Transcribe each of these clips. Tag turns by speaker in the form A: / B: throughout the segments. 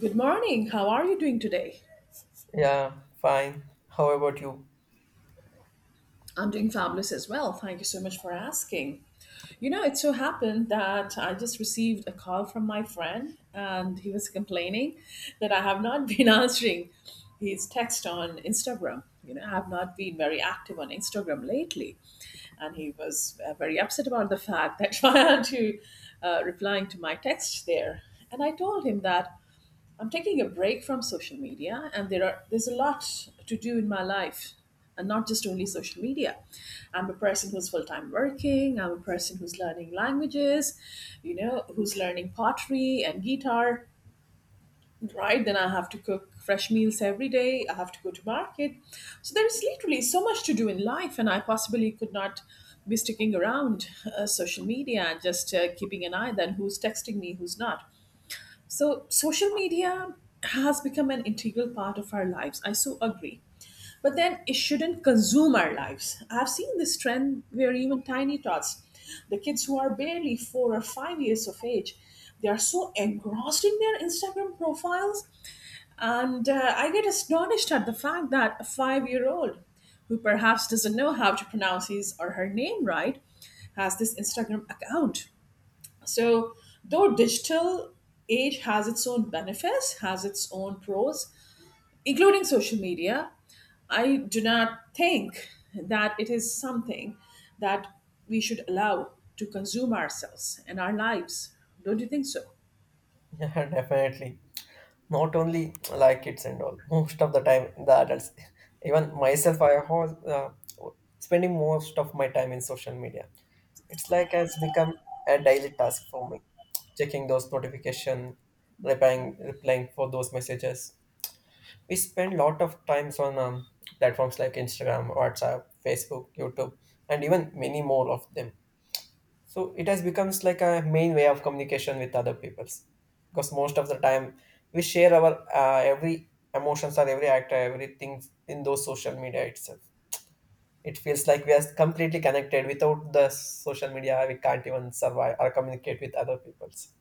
A: Good morning. How are you doing today?
B: Yeah, fine. How about you?
A: I'm doing fabulous as well. Thank you so much for asking. You know, it so happened that I just received a call from my friend and he was complaining that I have not been answering his text on Instagram. You know, I have not been very active on Instagram lately. And he was very upset about the fact that I had to replying to my text there. And I told him that I'm taking a break from social media, and there's a lot to do in my life, and not just only social media. I'm a person who's full time working. I'm a person who's learning languages, you know, who's learning pottery and guitar. Right, then I have to cook fresh meals every day. I have to go to market. So there's literally so much to do in life, and I possibly could not be sticking around social media and just keeping an eye then who's texting me, who's not. So, social media has become an integral part of our lives. I so agree. But then it shouldn't consume our lives. I've seen this trend where even tiny tots, the kids who are barely 4 or 5 years of age, they are so engrossed in their Instagram profiles. And I get astonished at the fact that a 5 year old who perhaps doesn't know how to pronounce his or her name right has this Instagram account. So, though digital age has its own benefits, has its own pros, including social media, I do not think that it is something that we should allow to consume ourselves and our lives. Don't you think so?
B: Yeah, definitely. Not only like kids and all, most of the time the adults, even myself, I was spending most of my time in social media. It's like has become a daily task for me, checking those notification, replying for those messages. We spend lot of times on platforms like Instagram, WhatsApp, Facebook, YouTube, and even many more of them. So it has becomes like a main way of communication with other peoples because most of the time we share our every emotions or every act or everything in those social media itself. It feels like we are completely connected. Without the social media we can't even survive or communicate with other peoples.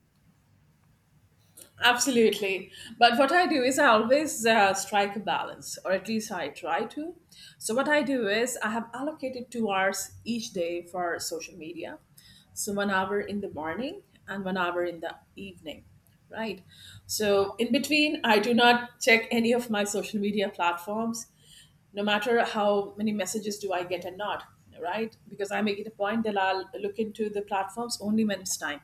A: Absolutely. But what I do is I always strike a balance, or at least I try to. So, what I do is I have allocated 2 hours each day for social media. So, 1 hour in the morning and 1 hour in the evening, right? So, in between, I do not check any of my social media platforms no matter how many messages do I get or not, right? Because I make it a point that I'll look into the platforms only when it's time.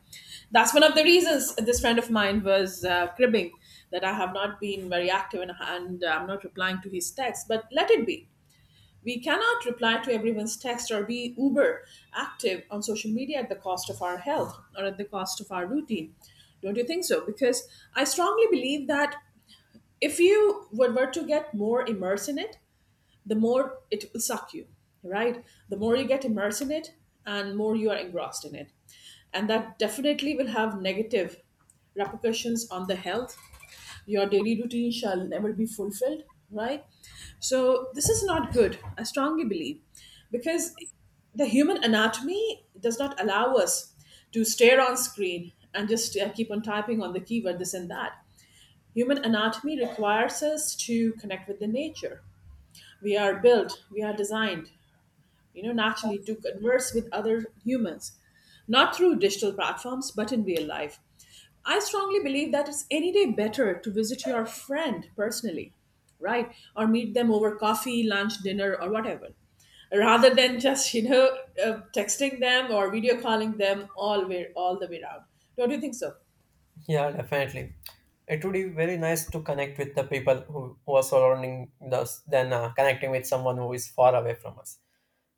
A: That's one of the reasons this friend of mine was cribbing that I have not been very active and I'm not replying to his texts. But let it be. We cannot reply to everyone's text or be uber active on social media at the cost of our health or at the cost of our routine. Don't you think so? Because I strongly believe that if you were to get more immersed in it, the more it will suck you, right? The more you get immersed in it and more you are engrossed in it. And that definitely will have negative repercussions on the health. Your daily routine shall never be fulfilled, right? So this is not good, I strongly believe, because the human anatomy does not allow us to stare on screen and just keep on typing on the keyword this and that. Human anatomy requires us to connect with the nature. We are built, we are designed, you know, naturally to converse with other humans, not through digital platforms, but in real life. I strongly believe that it's any day better to visit your friend personally, right? Or meet them over coffee, lunch, dinner, or whatever, rather than just, you know, texting them or video calling them all the way around. Don't you think so?
B: Yeah, definitely. It would be very nice to connect with the people who are surrounding us than connecting with someone who is far away from us,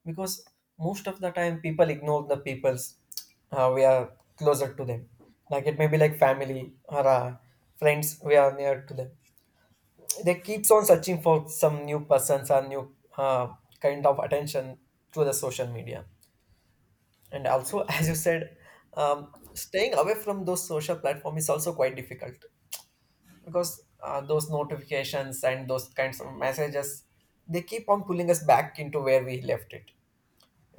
B: because most of the time people ignore the peoples we are closer to them, like it may be like family or friends we are near to them. They keeps on searching for some new persons or new kind of attention through the social media. And also, as you said, staying away from those social platform is also quite difficult, because those notifications and those kinds of messages, they keep on pulling us back into where we left it.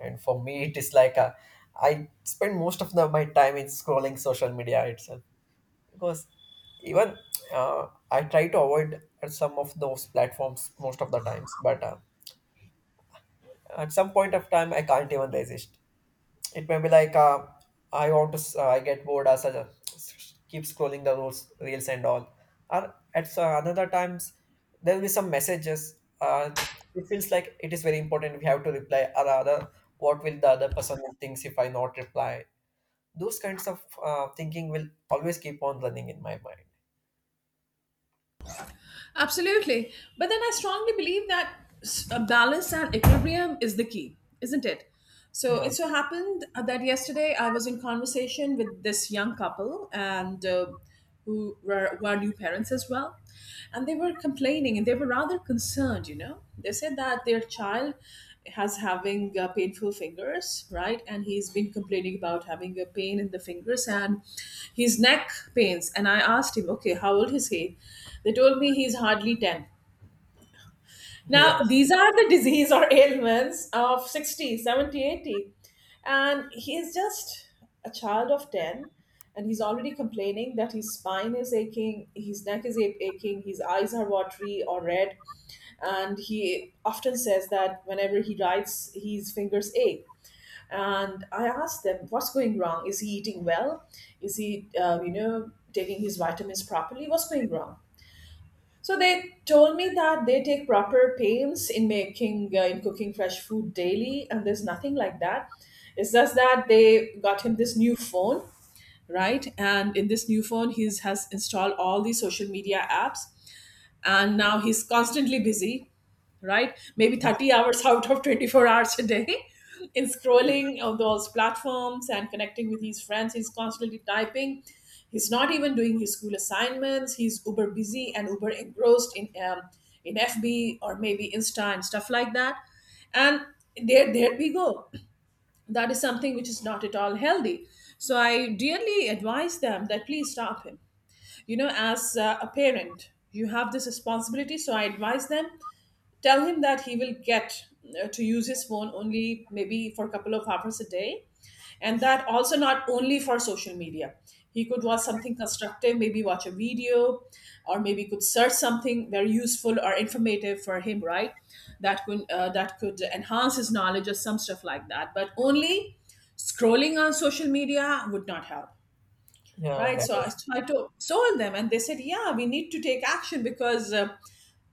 B: And for me it is I spend most of my time in scrolling social media itself. Because even I try to avoid some of those platforms most of the times, but at some point of time I can't even resist. It may be like I want to s- I get bored as I keep scrolling the reels and all, or at another times there will be some messages. It feels like it is very important, we have to reply, or rather, what will the other person thinks if I not reply. Those kinds of thinking will always keep on running in my mind.
A: Absolutely. But then I strongly believe that a balance and equilibrium is the key, isn't it? So
B: Yeah,
A: it so happened that yesterday I was in conversation with this young couple and who are new parents as well. And they were completely complaining and they were rather concerned. You know, they said that their child has having painful fingers, right? And he's been complaining about having a pain in the fingers and his neck pains. And I asked him, okay, how old is he? They told me he's hardly 10.
B: yeah,
A: Now, these are the disease or ailments of 60, 70, 80, and he is just a child of 10, and he's already complaining that his spine is aching, his neck is aching, his eyes are watery or red. And he often says that whenever he writes, his fingers ache. And I asked them, what's going wrong? Is he eating well? Is he, you know, taking his vitamins properly? What's going wrong? So they told me that they take proper pains in making in cooking fresh food daily, and there's nothing like that. It's just that they got him this new phone, right? And in this new phone, he's has installed all these social media apps, and now he's constantly busy, right? Maybe 30 hours out of 24 hours a day in scrolling on those platforms and connecting with his friends. He's constantly typing, he's not even doing his school assignments. He's uber busy and uber engrossed in fb or maybe insta and stuff like that. And there we go, that is something which is not at all healthy. So I dearly advise them that please stop him. You know, as a parent you have this responsibility, so I advise them, tell him that he will get to use his phone only maybe for a couple of hours a day, and that also not only for social media. He could watch something constructive, maybe watch a video, or maybe could search something very useful or informative for him, right? That could that could enhance his knowledge or some stuff like that, but only scrolling on social media would not help.
B: yeah,
A: Right? So I
B: definitely.
A: tried to extol them, and they said, "Yeah, we need to take action because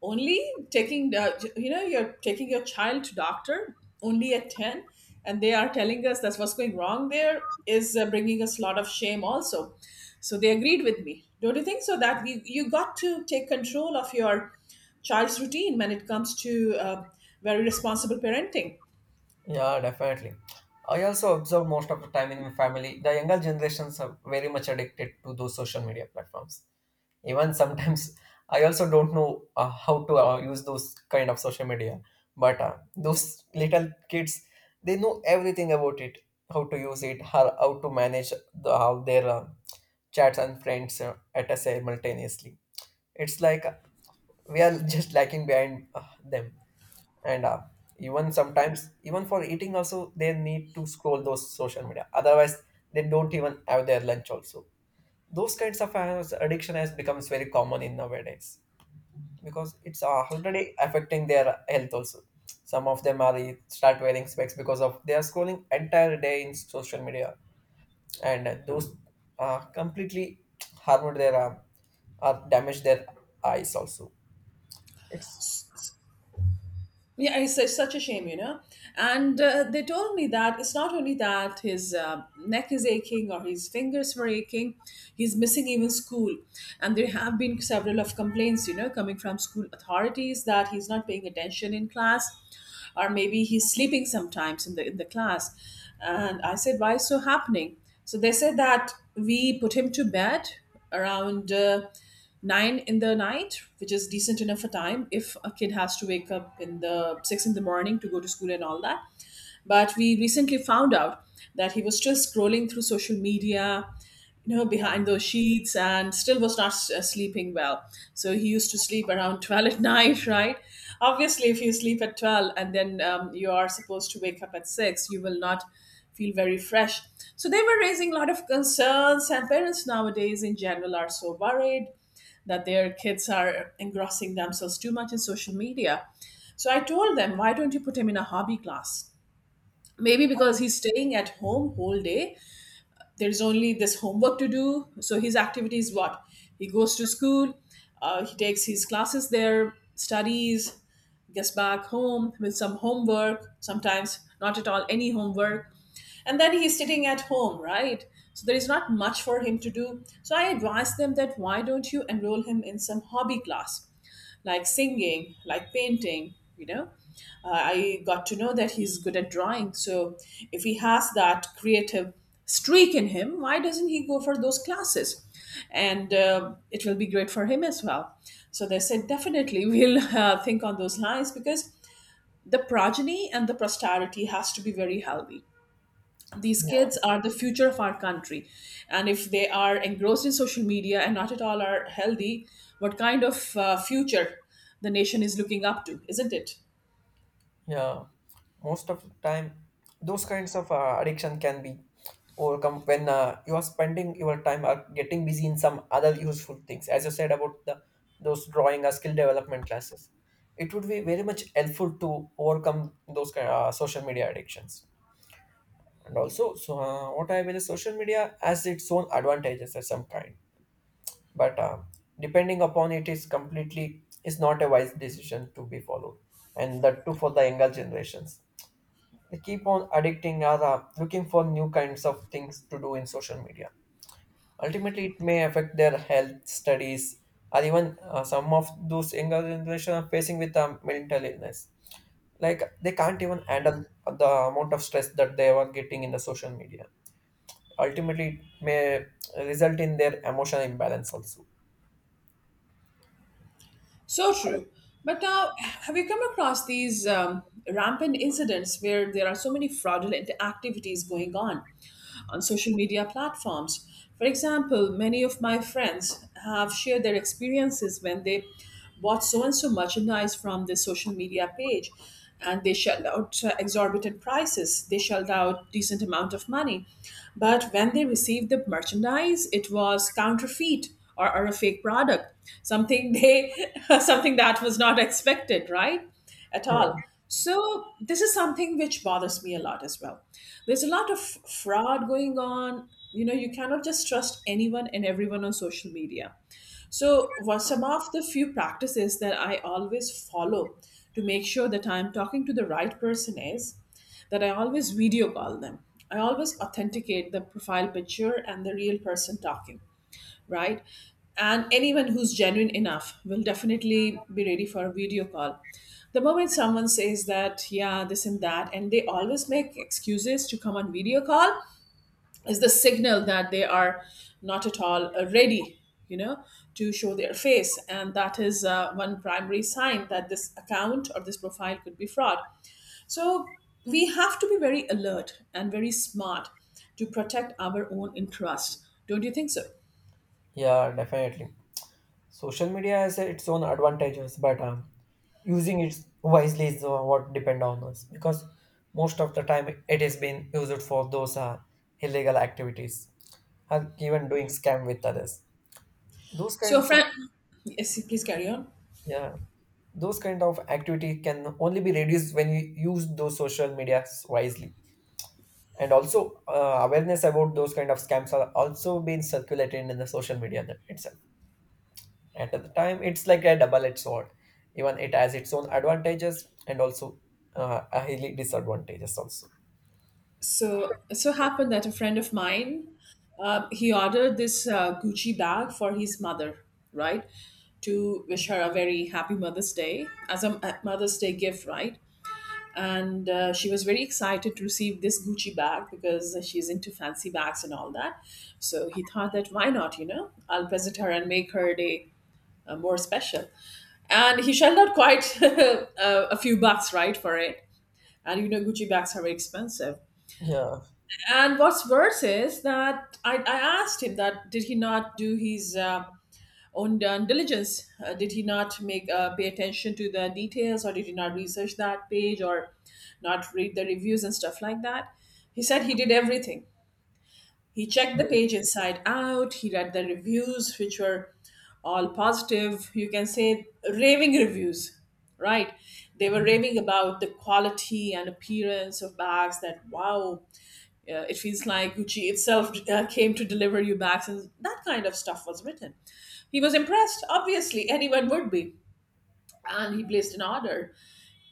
A: only taking the, you know, you're taking your child to doctor only at 10, and they are telling us that's what's going wrong. There is bringing us a lot of shame, also." So they agreed with me. Don't you think so? That you got to take control of your child's routine when it comes to very responsible parenting.
B: Yeah, definitely. I also observe most of the time in my family, the younger generations are very much addicted to those social media platforms. Even sometimes, I also don't know how to use those kind of social media. But those little kids, they know everything about it, how to use it, how to manage how their chats and friends at a simultaneously. It's like we are just lacking behind them. And even sometimes even for eating also they need to scroll those social media, otherwise they don't even have their lunch also. Those kinds of addiction has becomes very common in nowadays, because it's already affecting their health also. Some of them are start wearing specs because of they are scrolling entire day in social media, and those completely harmed their or damage their eyes also. It's
A: Yeah, it's such a shame, you know. And they told me that it's not only that his neck is aching or his fingers were aching, he's missing even school. And there have been several of complaints, you know, coming from school authorities that he's not paying attention in class, or maybe he's sleeping sometimes in the class. And I said, why is so happening? So they said that we put him to bed around. Nine in the night, which is decent enough a time if a kid has to wake up in the six in the morning to go to school and all that. But we recently found out that he was still scrolling through social media, you know, behind those sheets and still was not sleeping well. So he used to sleep around 12 at night, right? Obviously, if you sleep at 12 and then you are supposed to wake up at 6, you will not feel very fresh. So they were raising a lot of concerns, and parents nowadays in general are so worried that their kids are engrossing themselves too much in social media. So I told them, why don't you put him in a hobby class? Maybe because he's staying at home whole day. There's only this homework to do. So his activity is what? He goes to school, he takes his classes there, studies, gets back home with some homework, sometimes not at all any homework. And then he's sitting at home, right? So there is not much for him to do. So I advise them that why don't you enroll him in some hobby class? Like singing, like painting. You know, I got to know that he's good at drawing. So if he has that creative streak in him, why doesn't he go for those classes? And it will be great for him as well. So they said definitely we'll think on those lines because the progeny and the posterity has to be very healthy. These
B: yeah,
A: kids are the future of our country, and if they are engrossed in social media and not at all are healthy, what kind of future the nation is looking up to, isn't it?
B: yeah, most of the time, those kinds of addiction can be overcome when you are spending your time or getting busy in some other useful things. As you said about the those drawing or skill development classes, it would be very much helpful to overcome those kind social media addictions. And also, so what I mean is, social media has its own advantages of some kind, but depending upon it is completely is not a wise decision to be followed, and that too for the younger generations. They keep on addicting or looking for new kinds of things to do in social media. Ultimately, it may affect their health, studies, or even some of those younger generation are facing with mental illness. Like they can't even handle the amount of stress that they were getting in the social media. Ultimately, it may result in their emotional imbalance also.
A: So true. But now, have you come across these rampant incidents where there are so many fraudulent activities going on social media platforms? For example, many of my friends have shared their experiences when they bought so and so merchandise from the social media page and they shelled out exorbitant prices, they shelled out decent amount of money, but when they received the merchandise it was counterfeit or a fake product, something they something that was not expected, right? At
B: Yeah,
A: all, so this is something which bothers me a lot as well. There's a lot of fraud going on, you know, you cannot just trust anyone and everyone on social media. So what some of the few practices that I always follow to make sure that I'm talking to the right person is that I always video call them. I always authenticate the profile picture and the real person talking, right? And anyone who's genuine enough will definitely be ready for a video call. The moment someone says that, yeah, this and that, and they always make excuses to come on video call, is the signal that they are not at all ready, you know, to show their face. And that is one primary sign that this account or this profile could be fraud. So we have to be very alert and very smart to protect our own interest. Don't you think so?
B: yeah, definitely. Social media has its own advantages, but using it wisely is what depend on us, because most of the time it has been used for those illegal activities, or even doing scam with others. Those
A: So a
B: kinds of
A: friend, yes, please carry on.
B: yeah, those kind of activity can only be reduced when you use those social medias wisely. And also, awareness about those kind of scams are also being circulated in the social media that itself. At the time it's like a double-edged sword. Even it has its own advantages, and also a highly disadvantages also.
A: So it so happened that a friend of mine, he ordered this Gucci bag for his mother, right, to wish her a very happy Mother's Day as a Mother's Day gift, right? And she was very excited to receive this Gucci bag because she's into fancy bags and all that. So he thought that, why not, you know, I'll present her and make her day more special. And he shelled out quite a few bucks, right, for it. And you know Gucci bags are very expensive.
B: Yeah,
A: And what's worse is that I asked him that did he not do his own done diligence, did he not make pay attention to the details, or did he not research that page or not read the reviews and stuff like that. He said he did everything. He checked the page inside out, he read the reviews which were all positive, you can say raving reviews, right? They were
B: yeah,
A: raving about the quality and appearance of bags that, wow, it feels like Gucci itself came to deliver you back. And that kind of stuff was written. He was impressed, obviously, anyone would be. And he placed an order.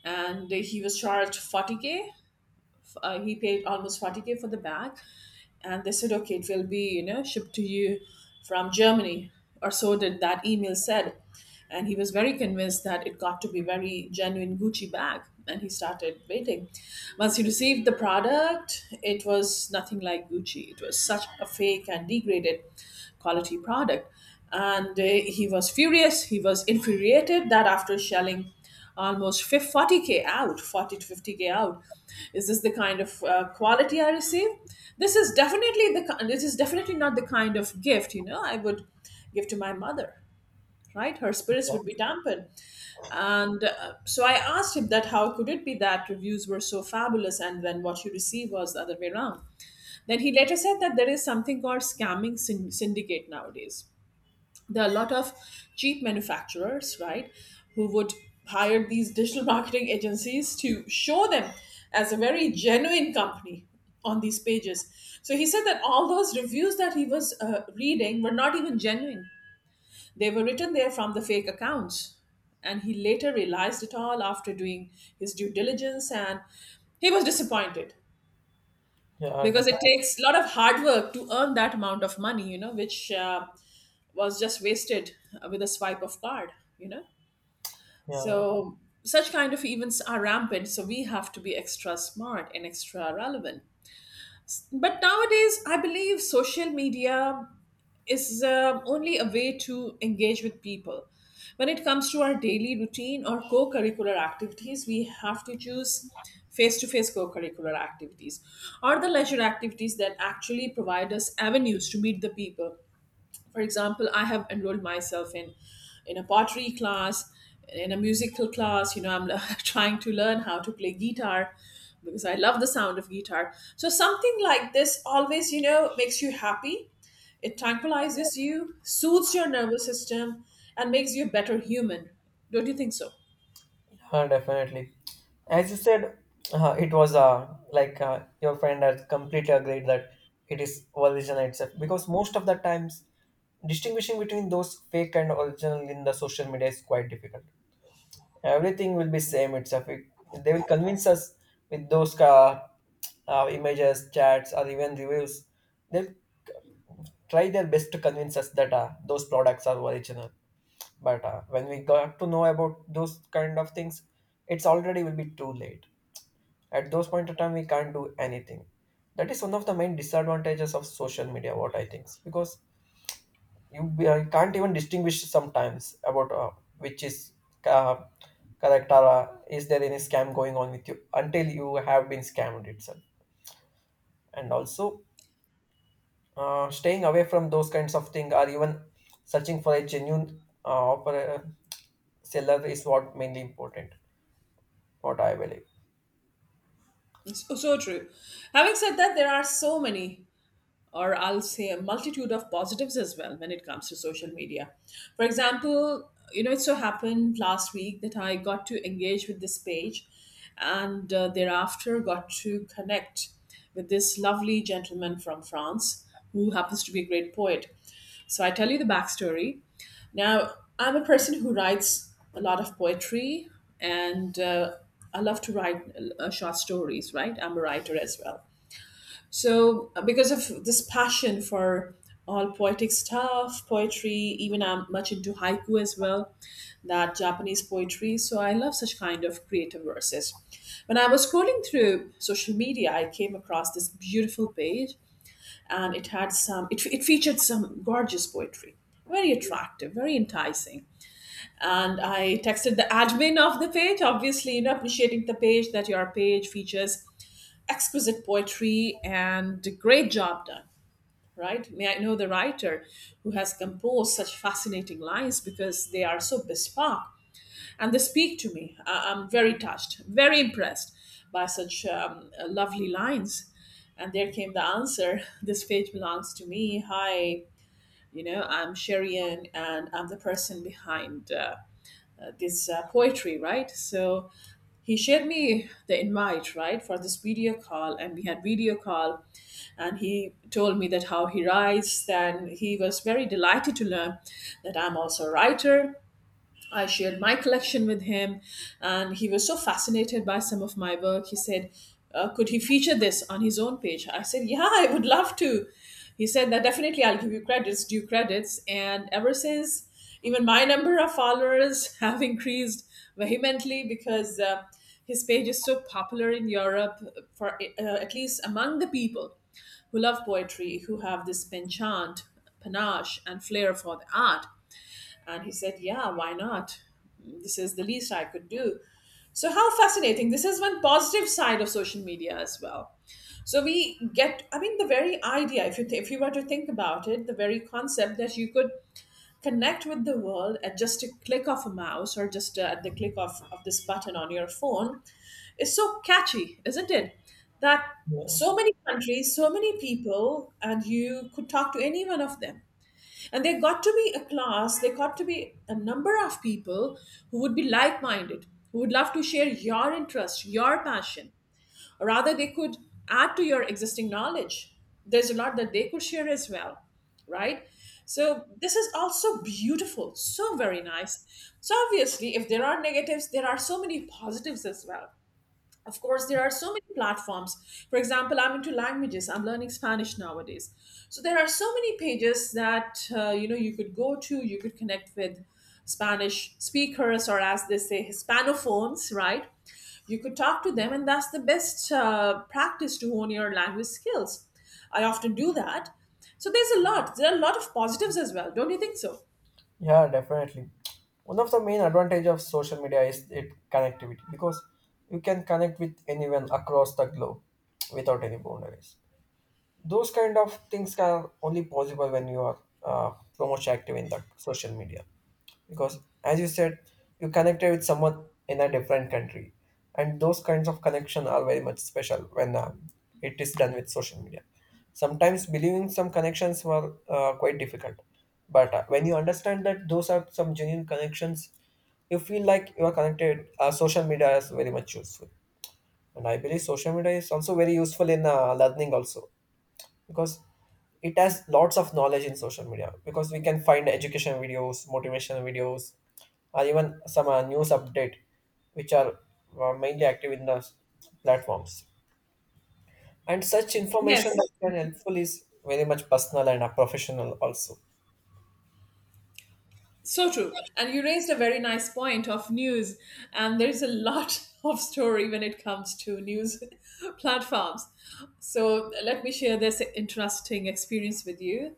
A: And he was charged 40K, he paid almost 40K for the bag, and they said, okay, it will be, you know, shipped to you from Germany, or so did that email said. And he was very convinced that it got to be very genuine Gucci bag, and he started waiting. Once he received the product, it was nothing like Gucci. It was such a fake and degraded quality product. And he was furious. He was infuriated that after shelling almost 40K out, 40 to 50K out, is this the kind of quality I receive? This is definitely not the kind of gift, you know, I would give to my mother. Right, her spirits would be dampened. And so I asked him that how could it be that reviews were so fabulous and then what you receive was the other way around. Then he later said that there is something called scamming syndicate nowadays. There are a lot of cheap manufacturers, right, who would hire these digital marketing agencies to show them as a very genuine company on these pages. So he said that all those reviews that he was reading were not even genuine. They were written there from the fake accounts. And he later realized it all after doing his due diligence, and he was disappointed,
B: yeah,
A: because it
B: definitely.
A: takes a lot of hard work to earn that amount of money, you know, which was just wasted with a swipe of card, you know.
B: Yeah,
A: So such kind of events are rampant, so we have to be extra smart and extra relevant. But nowadays I believe social media is only a way to engage with people. When it comes to our daily routine or co curricular activities, we have to choose face to face co curricular activities or the leisure activities that actually provide us avenues to meet the people. For example, I have enrolled myself in a pottery class, in a musical class, you know, I'm trying to learn how to play guitar because I love the sound of guitar. So something like this always, you know, makes you happy. It tranquilizes you, soothes your nervous system, and makes you a better human. Don't you think so?
B: yeah, definitely. As you said, it was like, your friend has completely agreed that it is original itself, because most of the times distinguishing between those fake and original in the social media is quite difficult. Everything will be same itself. They will convince us with those images, chats, or even reviews. They'll try their best to convince us that those products are original. But when we got to know about those kind of things, it's already will be too late. At those point of time we can't do anything. That is one of the main disadvantages of social media, what I think. Because you can't even distinguish sometimes about which is uh, correct, or is there any scam going on with you until you have been scammed itself. And also, staying away from those kinds of things, or even searching for a genuine offer, seller is what mainly important, what I believe.
A: It's so true. Having said that, there are so many, or I'll say a multitude of positives as well when it comes to social media. For example, you know, it so happened last week that I got to engage with this page and thereafter got to connect with this lovely gentleman from France who happens to be a great poet. So I tell you the backstory. Now, I'm a person who writes a lot of poetry, and I love to write short stories, right? I'm a writer as well. So, because of this passion for all poetic stuff, poetry, even I'm much into haiku as well, that Japanese poetry. So, I love such kind of creative verses. When I was scrolling through social media, I came across this beautiful page, and it had some, it featured some gorgeous poetry. Very attractive, very enticing. And I texted the admin of the page, obviously, you know, appreciating the page that your page features exquisite poetry and a great job done, right? May I know the writer who has composed such fascinating lines, because they are so bespoke and they speak to me. I'm very touched, very impressed by such lovely lines. And there came the answer, this page belongs to me. Hi. You know, I'm Sherian and I'm the person behind this poetry, right? So he shared me the invite, right, for this video call, and we had video call. And he told me that how he writes, and he was very delighted to learn that I'm also a writer. I shared my collection with him, and he was so fascinated by some of my work. He said, could he feature this on his own page? I said, yeah, I would love to. He said, that definitely I'll give you credits, due credits. And ever since, even my number of followers have increased vehemently, because his page is so popular in Europe, for at least among the people who love poetry, who have this penchant, panache, and flair for the art. And he said, yeah, why not? This is the least I could do. So, how fascinating. This is one positive side of social media as well. So, we get, I mean, the very idea, if you, if you were to think about it, the very concept that you could connect with the world at just a click of a mouse or just at the click of this button on your phone is so catchy, isn't it? That
B: Yeah,
A: so many countries, so many people, and you could talk to any one of them. And there got to be a class, there got to be a number of people who would be like minded, who would love to share your interest, your passion. Or rather, they could add to your existing knowledge. There's a lot that they could share as well, right? So, this is also beautiful, so very nice. So, obviously, if there are negatives, there are so many positives as well. Of course, there are so many platforms. For example, I'm into languages, I'm learning Spanish nowadays. So there are so many pages that, you know, you could go to, you could connect with Spanish speakers, or as they say, hispanophones, right? You could talk to them, and that's the best practice to hone your language skills. I often do that. So there are a lot of positives as well. Don't you think so?
B: yeah, definitely. One of the main advantage of social media is it connectivity, because you can connect with anyone across the globe without any boundaries. Those kind of things are only possible when you are so much active in the social media. Because as you said, you connected with someone in a different country, and those kinds of connection are very much special when it is done with social media. Sometimes believing some connections were quite difficult, but when you understand that those are some genuine connections, you feel like you are connected. Social media is very much useful. And I believe social media is also very useful in learning also, because it has lots of knowledge in social media. Because we can find education videos, motivational videos, or even some news update, which are mainly active in the platforms. And such information
A: Yes.
B: that can helpful is very much personal and professional also.
A: So true. And you raised a very nice point of news. And there's a lot of story when it comes to news platforms. So let me share this interesting experience with you.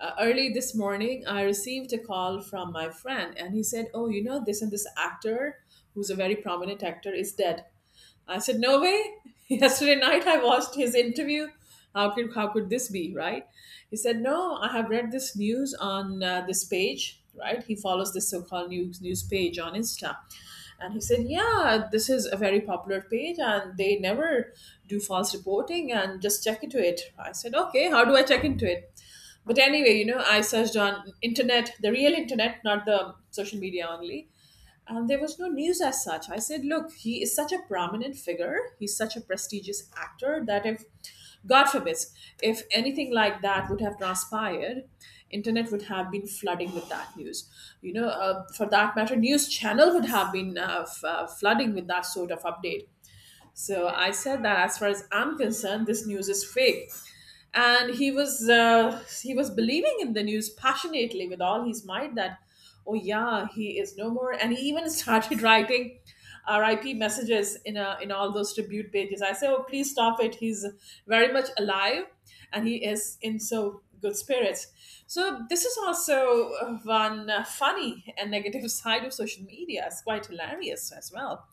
A: Early this morning, I received a call from my friend, and he said, oh, you know, this and this actor, who's a very prominent actor, is dead. I said, "No way." Yesterday night, I watched his interview. How could this be, right? He said, "No, I have read this news on this page, right?" He follows this so-called news page on Insta, and he said, "Yeah, this is a very popular page, and they never do false reporting. And just check into it." I said, "Okay, how do I check into it?" But anyway, I searched on internet, the real internet, not the social media only, and there was no news as such. I said, look, he is such a prominent figure. He's such a prestigious actor that if, God forbid, if anything like that would have transpired, internet would have been flooding with that news. For that matter, news channel would have been flooding with that sort of update. So I said that as far as I'm concerned, this news is fake. And he was believing in the news passionately with all his might that, oh yeah, he is no more. And he even started writing RIP messages in in all those tribute pages. I said, oh please stop it. He's very much alive, and he is in so good spirits. So this is also one funny and negative side of social media. It's quite hilarious as well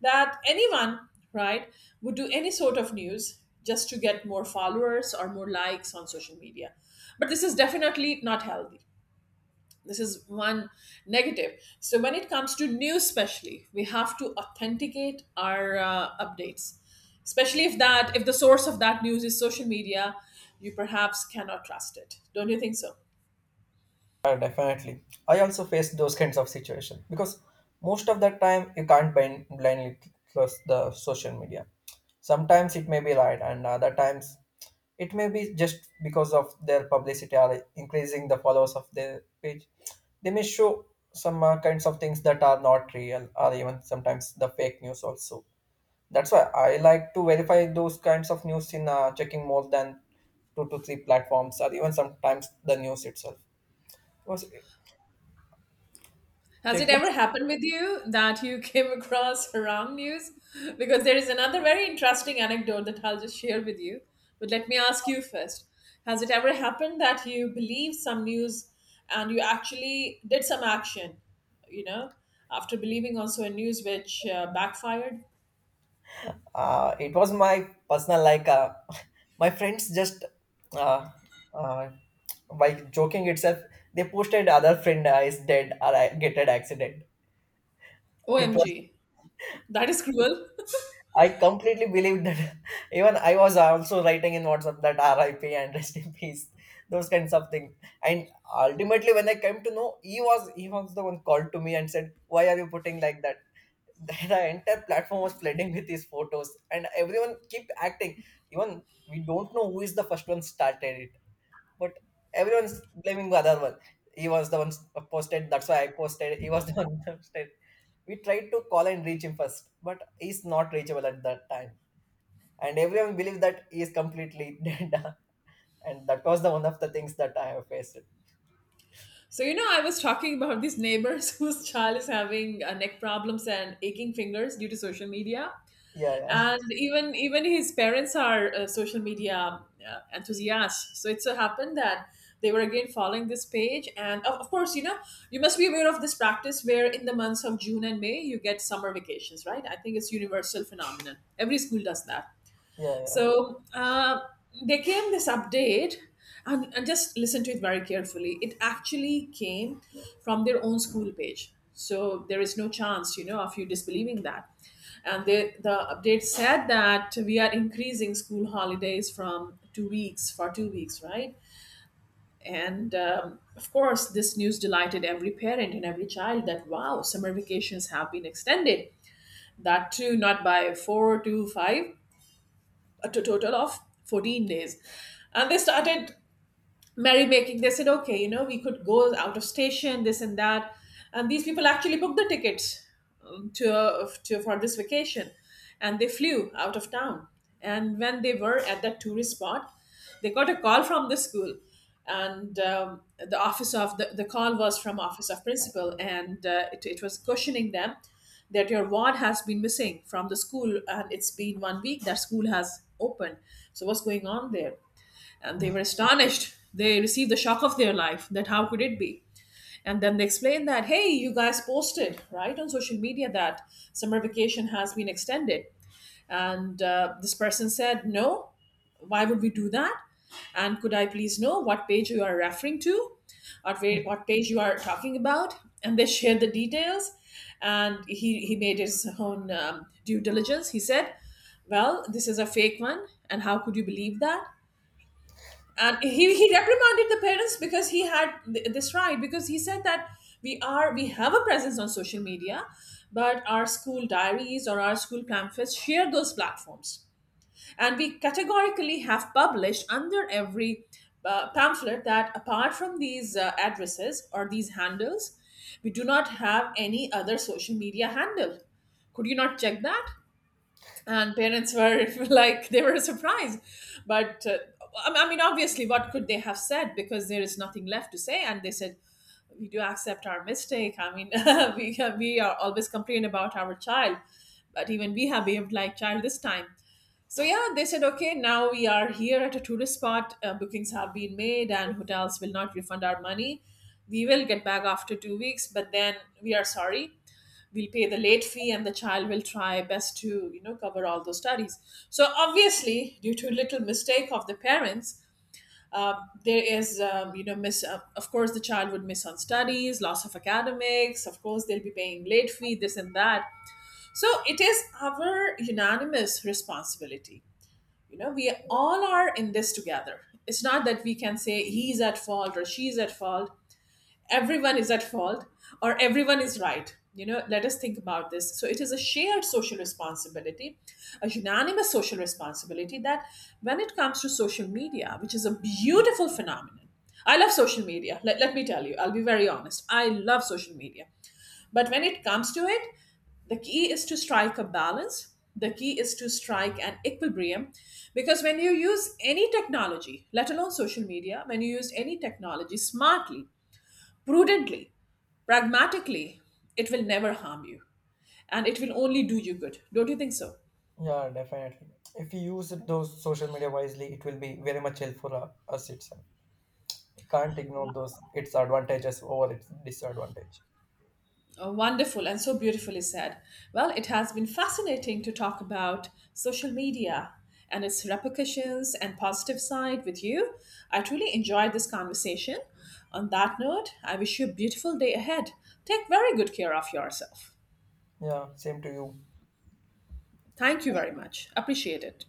A: that anyone, right, would do any sort of news just to get more followers or more likes on social media. But this is definitely not healthy. This is one negative. So, when it comes to news, especially, we have to authenticate our updates, especially if the source of that news is social media, you perhaps cannot trust it. Don't you think so?
B: Yeah, definitely. I also face those kinds of situation, because most of the time you can't blindly trust the social media. Sometimes it may be right, and other times it may be just because of their publicity or increasing the followers of their page. They may show some kinds of things that are not real, or even sometimes the fake news also. That's why I like to verify those kinds of news in checking more than two to three platforms, or even sometimes the news itself. Because
A: Has it
B: check it.
A: ever happened with you that you came across wrong news? Because there is another very interesting anecdote that I'll just share with you. But let me ask you first. Has it ever happened that you believed some news and you actually did some action, you know, after believing also a news which backfired?
B: It was my personal, like, my friends just uh, uh, by joking itself they posted other friend is dead or I get an accident. It was
A: OMG. That is cruel.
B: I completely believed that. Even I was also writing in WhatsApp that RIP and rest in peace, those kinds of things. And ultimately when I came to know, he was the one called to me and said, why are you putting like that? The the entire platform was flooding with his photos, and everyone kept acting. Even we don't know who is the first one started it, but everyone's blaming the other one. He was the one posted, that's why I posted he was the one posted. We tried to call and reach him first, but he's not reachable at that time, and everyone believed that he is completely dead. And that was the one of the things that I have faced.
A: So, you know, I was talking about these neighbors whose child is having neck problems and aching fingers due to social media.
B: Yeah, yeah,
A: And even his parents are social media enthusiasts. So it so happened that they were again following this page. And of course, you know, you must be aware of this practice where in the months of June and May you get summer vacations, right? I think it's universal phenomenon. Every school does that.
B: yeah,
A: So there came this update, and just listen to it very carefully. It actually came from their own school page. So there is no chance, you know, of you disbelieving that. The update said that we are increasing school holidays from 2 weeks for 2 weeks, right? And of course, this news delighted every parent and every child that wow, summer vacations have been extended. That too, not by four to five, total of 14 days. And they started merrymaking. They said, okay, you know, we could go out of station, this and that. And these people actually booked the tickets to for this vacation, and they flew out of town. And when they were at that tourist spot, they got a call from the school, and the call was from office of principal, and it was questioning them that your ward has been missing from the school and it's been 1 week that school has opened, so what's going on there. And they
B: yeah.
A: were astonished. They received the shock of their life that how could it be? And then they explained that, hey, you guys posted, right, on social media that summer vacation has been extended. And this person said, no, why would we do that? And could I please know what page you are referring to, or where, what page you are talking about? And they shared the details. And he made his own due diligence. He said, well, this is a fake one. And how could you believe that? And he reprimanded the parents because he had this right, because he said that we have a presence on social media, but our school diaries or our school pamphlets share those platforms, and we categorically have published under every pamphlet that apart from these addresses or these handles, we do not have any other social media handle. Could you not check that? And parents were like, they were surprised. But obviously, what could they have said, because there is nothing left to say? And they said, we do accept our mistake. I mean, we are always complain about our child, but even we have behaved like child this time. So yeah, they said, okay, now we are here at a tourist spot, bookings have been made and hotels will not refund our money. We will get back after 2 weeks, but then we are sorry, we'll pay the late fee and the child will try best to, you know, cover all those studies. So obviously, due to little mistake of the parents, uh, there is you know, miss of course the child would miss on studies, loss of academics. Of course, they'll be paying late fee, this and that. So it is our unanimous responsibility. You know, we all are in this together. It's not that we can say he's at fault or she's at fault. Everyone is at fault, or everyone is right. You know, let us think about this. So, it is a shared social responsibility, a unanimous social responsibility that when it comes to social media, which is a beautiful phenomenon, I love social media. Let me tell you, I'll be very honest. I love social media. But when it comes to it, the key is to strike a balance. The key is to strike an equilibrium, because when you use any technology, let alone social media, when you use any technology smartly, prudently, pragmatically, it will never harm you, and it will only do you good. Don't you think so?
B: Yeah, definitely. If you use those social media wisely, it will be very much helpful for us itself. You can't ignore those its advantages over its disadvantage.
A: Oh, wonderful and so beautifully said. Well, it has been fascinating to talk about social media and its repercussions and positive side with you. I truly enjoyed this conversation. On that note, I wish you a beautiful day ahead. Take very good care of yourself.
B: Yeah, same to you.
A: Thank you very much. Appreciate it.